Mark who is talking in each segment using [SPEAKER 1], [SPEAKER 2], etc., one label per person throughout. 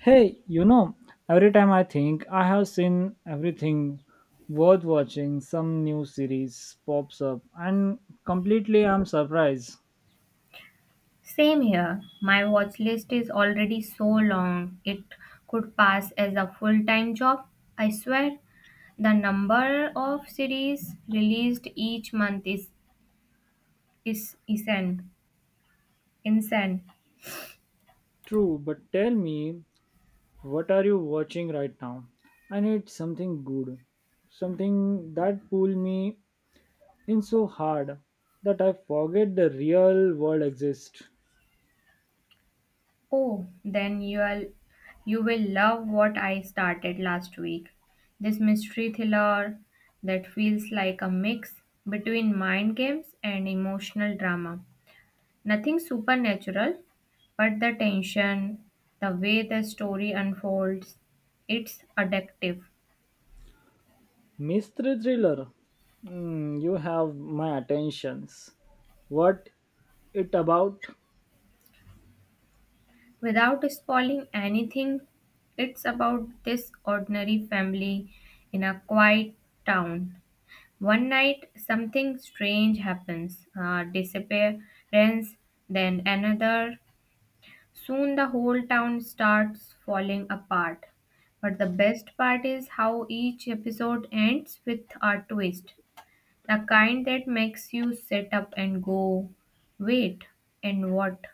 [SPEAKER 1] Hey, you know, every time I think I have seen everything worth watching, some new series pops up, and completely I'm surprised.
[SPEAKER 2] Same here. My watch list is already so long, it could pass as a full time job. I swear, the number of series released each month is insane. Insane.
[SPEAKER 1] True, but tell me, what are you watching right now? I need something good, something that pull me in so hard that I forget the real world exists.
[SPEAKER 2] Oh, you will love what I started last week. This mystery thriller that feels like a mix between mind games and emotional drama. Nothing supernatural, but the tension, the way the story unfolds, it's addictive.
[SPEAKER 1] Mystery thriller. Hmm, you have my attentions. What it about?
[SPEAKER 2] Without spoiling anything, it's about this ordinary family in a quiet town. One night, something strange happens disappearance, then another. Soon, the whole town starts falling apart. But the best part is how each episode ends with a twist. The kind that makes you sit up and go, wait, and what?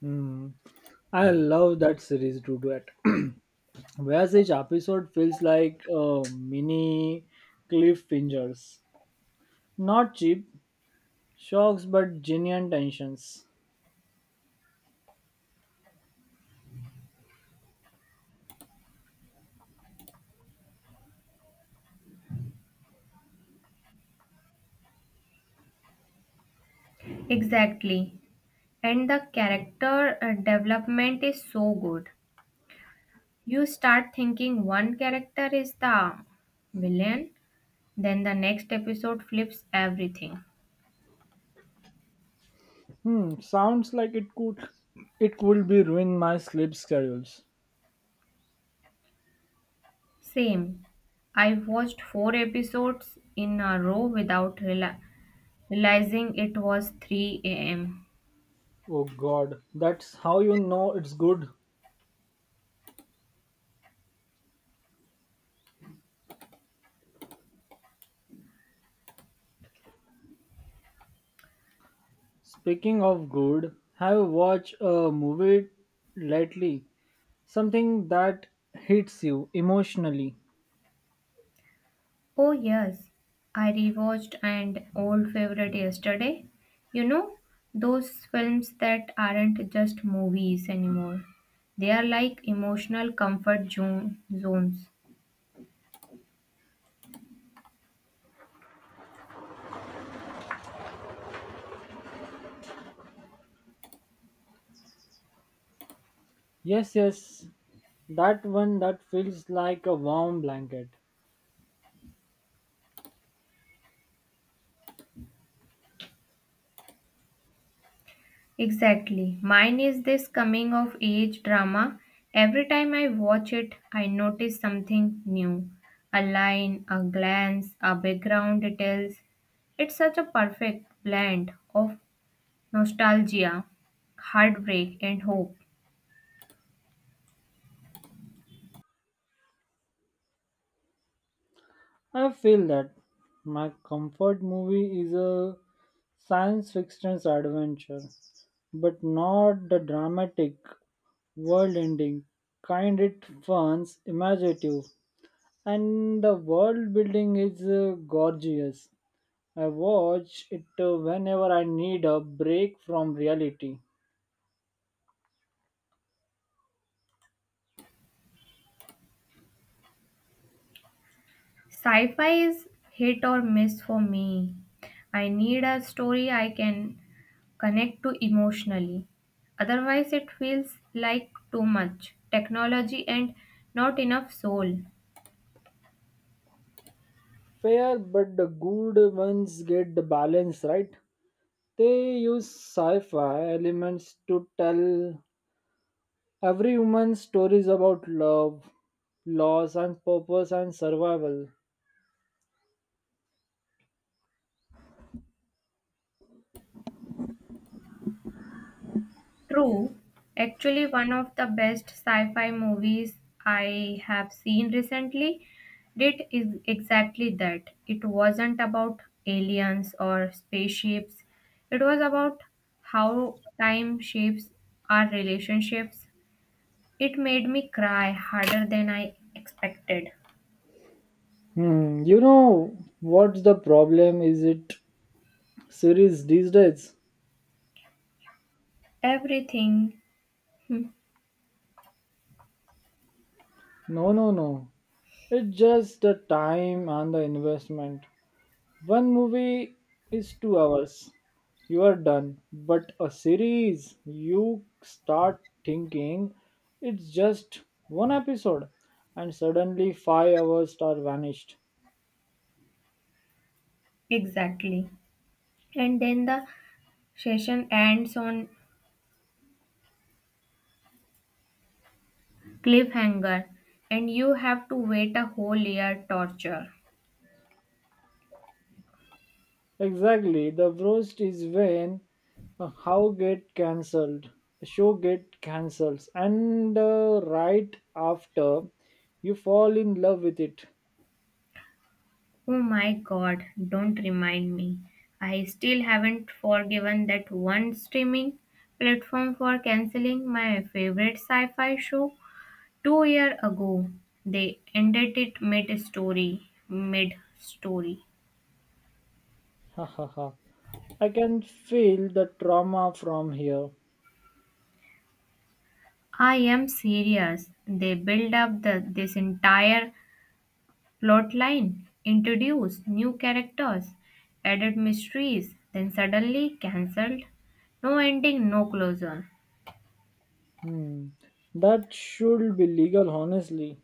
[SPEAKER 1] Hmm, I love that series to do it. Whereas each episode feels like mini cliffhangers. Not cheap shocks, but genuine tensions.
[SPEAKER 2] Exactly. And the character development is so good. You start thinking one character is the villain, then the next episode flips everything.
[SPEAKER 1] Hmm, sounds like it could be ruin my sleep schedules.
[SPEAKER 2] Same. I watched 4 episodes in a row without realizing it was 3 am.
[SPEAKER 1] Oh god, that's how you know it's good. Speaking of good, have you watched a movie lately? Something that hits you emotionally.
[SPEAKER 2] Oh, yes. I rewatched an old favorite yesterday. You know, those films that aren't just movies anymore. They are like emotional comfort zones.
[SPEAKER 1] Yes, yes, that one that feels like a warm blanket.
[SPEAKER 2] Exactly. Mine is this coming of age drama. Every time I watch it, I notice something new. A line, a glance, a background details. It's such a perfect blend of nostalgia, heartbreak, and hope.
[SPEAKER 1] I feel that my comfort movie is a science fiction adventure, but not the dramatic, world ending kind. It fun, imaginative, and the world building is gorgeous. I watch it whenever I need a break from reality.
[SPEAKER 2] Sci-fi is hit or miss for me. I need a story I can connect to emotionally. Otherwise, it feels like too much technology and not enough soul.
[SPEAKER 1] Fair, but the good ones get the balance right. They use sci fi elements to tell every human stories about love, loss, and purpose and survival.
[SPEAKER 2] True, actually, one of the best sci fi movies I have seen recently did is exactly that. It wasn't about aliens or spaceships, it was about how time shapes our relationships. It made me cry harder than I expected.
[SPEAKER 1] Hmm, you know what's the problem? Is it series these days?
[SPEAKER 2] Everything, hmm,
[SPEAKER 1] No, no, no. It's just the time and the investment. One movie is 2 hours. You are done. But a series, you start thinking it's just one episode, and suddenly 5 hours are vanished.
[SPEAKER 2] exactly. And then the session ends on Cliffhanger, and you have to wait a whole year torture.
[SPEAKER 1] Exactly. The worst is when a how get cancelled, a show get cancels, and right after you fall in love with it.
[SPEAKER 2] Oh my god, don't remind me. I still haven't forgiven that one streaming platform for canceling my favorite sci fi show 2 years ago. They ended it mid story. Mid story.
[SPEAKER 1] Ha ha ha. I can feel the trauma from here.
[SPEAKER 2] I am serious. They build up this entire Plotline introduced new characters, added mysteries, then suddenly cancelled. No ending, no closure.
[SPEAKER 1] Hmm, that should be legal, honestly.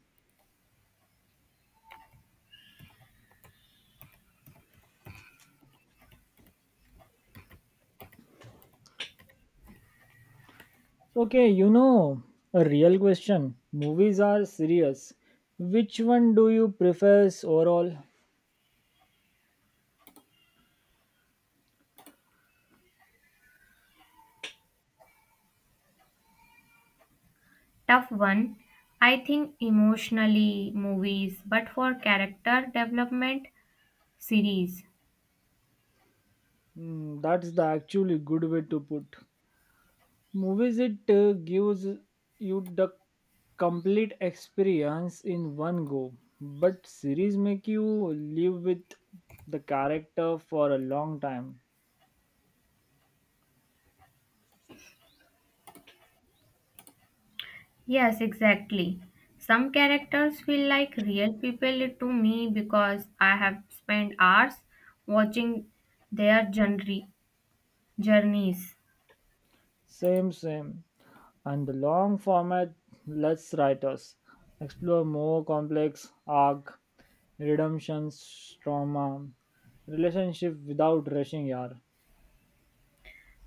[SPEAKER 1] Okay, you know, a real question. Movies are serious. Which one do you prefer overall?
[SPEAKER 2] Tough one, I think, emotionally, movies, but for character development, series.
[SPEAKER 1] Hmm, that's the actually good way to put. Movies it gives you the complete experience in one go, but series make you live with the character for a long time.
[SPEAKER 2] Yes, exactly. Some characters feel like real people to me because I have spent hours watching their journey, journeys.
[SPEAKER 1] Same, same. And the long format lets writers explore more complex arc, redemptions, trauma, relationship without rushing yar.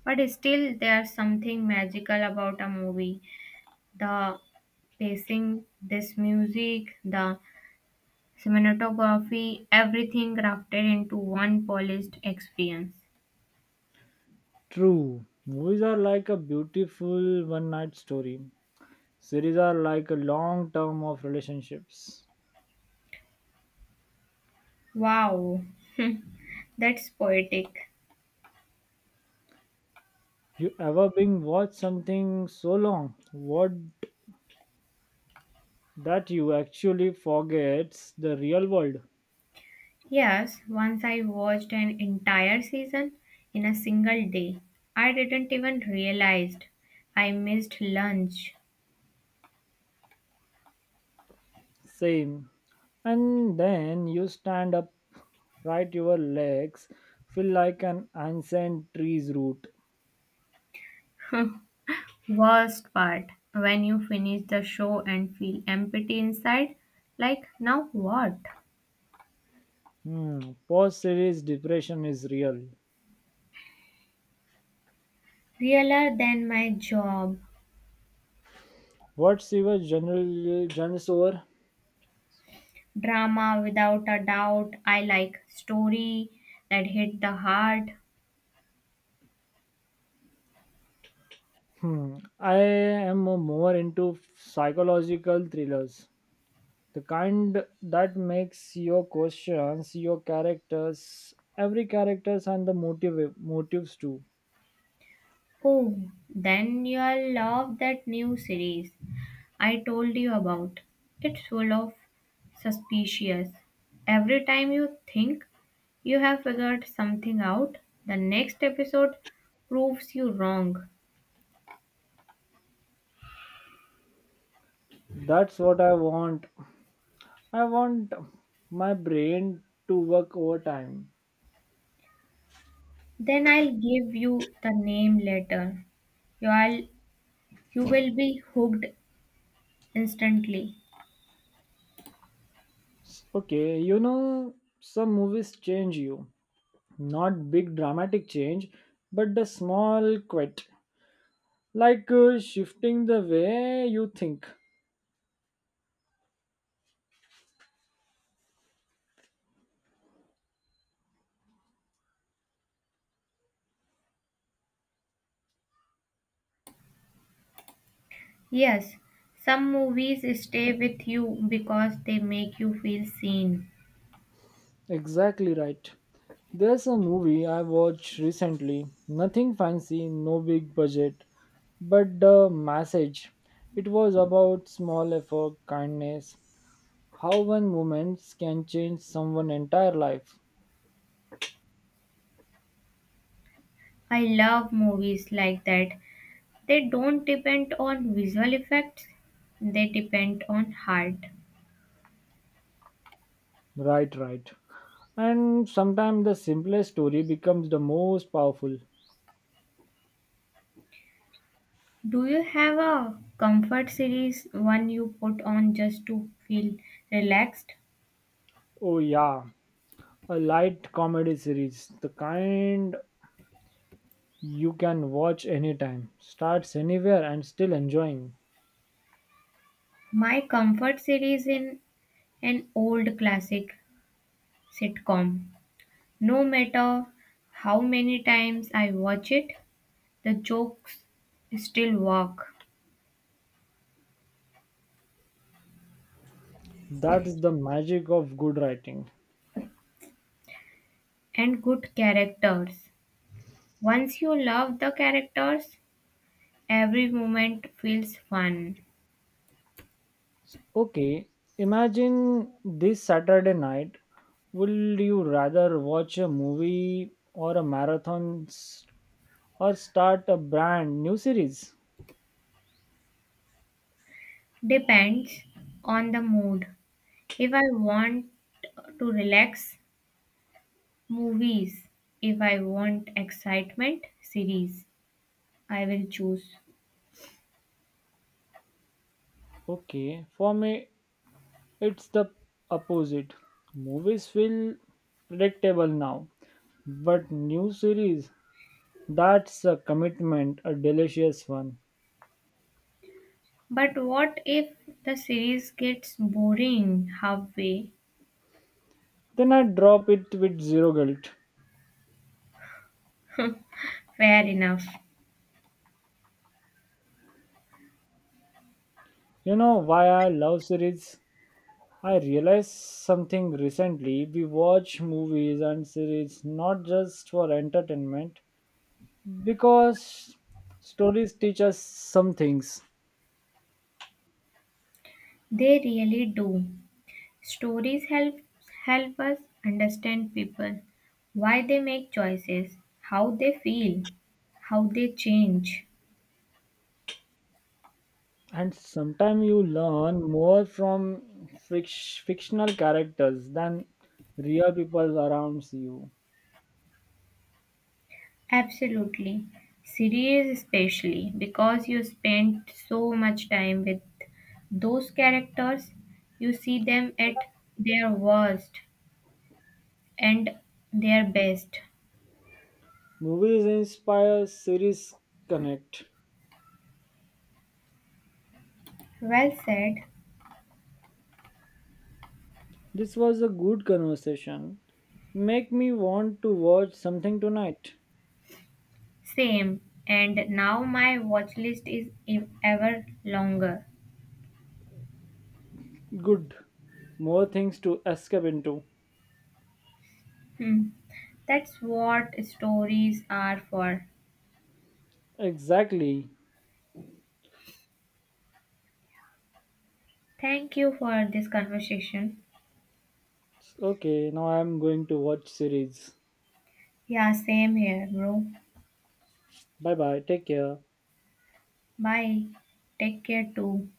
[SPEAKER 2] But still, there's something magical about a movie the pacing, this music, the cinematography, everything crafted into one polished experience.
[SPEAKER 1] True, movies are like a beautiful one night story. Series are like a long term of relationships.
[SPEAKER 2] Wow, that's poetic.
[SPEAKER 1] You ever been watch something so long, what that you actually forgets the real world?
[SPEAKER 2] Yes, once I watched an entire season in a single day. I didn't even realize I missed lunch.
[SPEAKER 1] Same. And then you stand up, right? Your legs feel like an ancient tree's root.
[SPEAKER 2] Worst part, when you finish the show and feel empty inside, like now what?
[SPEAKER 1] Hmm. Post series depression is real.
[SPEAKER 2] Realer than my job.
[SPEAKER 1] What's your general genre over?
[SPEAKER 2] Drama, without a doubt. I like story that hit the heart.
[SPEAKER 1] Hmm. I am more into psychological thrillers. The kind that makes your questions, your characters, every characters and the motives too.
[SPEAKER 2] Oh, then you'll love that new series I told you about. It's full of suspicious. Every time you think you have figured something out, the next episode proves you wrong.
[SPEAKER 1] That's what I want, I want my brain to work overtime.
[SPEAKER 2] Then I'll give you the name later. You'll you will be hooked instantly.
[SPEAKER 1] Okay, you know, some movies change you. Not big dramatic change, but the small quit. Like shifting the way you think.
[SPEAKER 2] Yes, some movies stay with you because they make you feel seen.
[SPEAKER 1] Exactly right. There's a movie I watched recently. Nothing fancy, no big budget, but the message. It was about small effort, kindness, how one moment can change someone's entire life.
[SPEAKER 2] I love movies like that. They don't depend on visual effects, they depend on heart.
[SPEAKER 1] Right, right. And sometimes the simplest story becomes the most powerful.
[SPEAKER 2] Do you have a comfort series, one you put on just to feel relaxed?
[SPEAKER 1] Oh, yeah. A light comedy series, the kind you can watch anytime, starts anywhere and still enjoying.
[SPEAKER 2] My comfort series in an old classic sitcom. No matter how many times I watch it, the jokes still work.
[SPEAKER 1] That is the magic of good writing.
[SPEAKER 2] And good characters. Once you love the characters, every moment feels fun.
[SPEAKER 1] Okay, imagine this Saturday night. Would you rather watch a movie or a or start a brand new series?
[SPEAKER 2] Depends on the mood. If I want to relax, movies. If I want excitement, series. I will choose.
[SPEAKER 1] Okay, for me it's the opposite. Movies feel predictable now, but new series, that's a commitment, a delicious one.
[SPEAKER 2] But what if the series gets boring halfway?
[SPEAKER 1] Then I drop it with zero guilt.
[SPEAKER 2] Fair enough.
[SPEAKER 1] You know why I love series? I realized something recently. We watch movies and series not just for entertainment, because stories teach us some things.
[SPEAKER 2] They really do. Stories help us understand people, why they make choices, how they feel, how they change.
[SPEAKER 1] And sometimes you learn more from fictional characters than real people around you.
[SPEAKER 2] Absolutely. Series especially because you spend so much time with those characters, you see them at their worst and their best.
[SPEAKER 1] Movies inspire, series connect.
[SPEAKER 2] Well said.
[SPEAKER 1] This was a good conversation, make me want to watch something tonight.
[SPEAKER 2] Same. And now my watch list is ever longer.
[SPEAKER 1] Good, more things to escape into.
[SPEAKER 2] Hmm. That's what stories are for.
[SPEAKER 1] Exactly.
[SPEAKER 2] Thank you for this conversation.
[SPEAKER 1] Okay, now I'm going to watch series.
[SPEAKER 2] Yeah, same here, bro.
[SPEAKER 1] Bye bye, take care.
[SPEAKER 2] Bye. Take care too.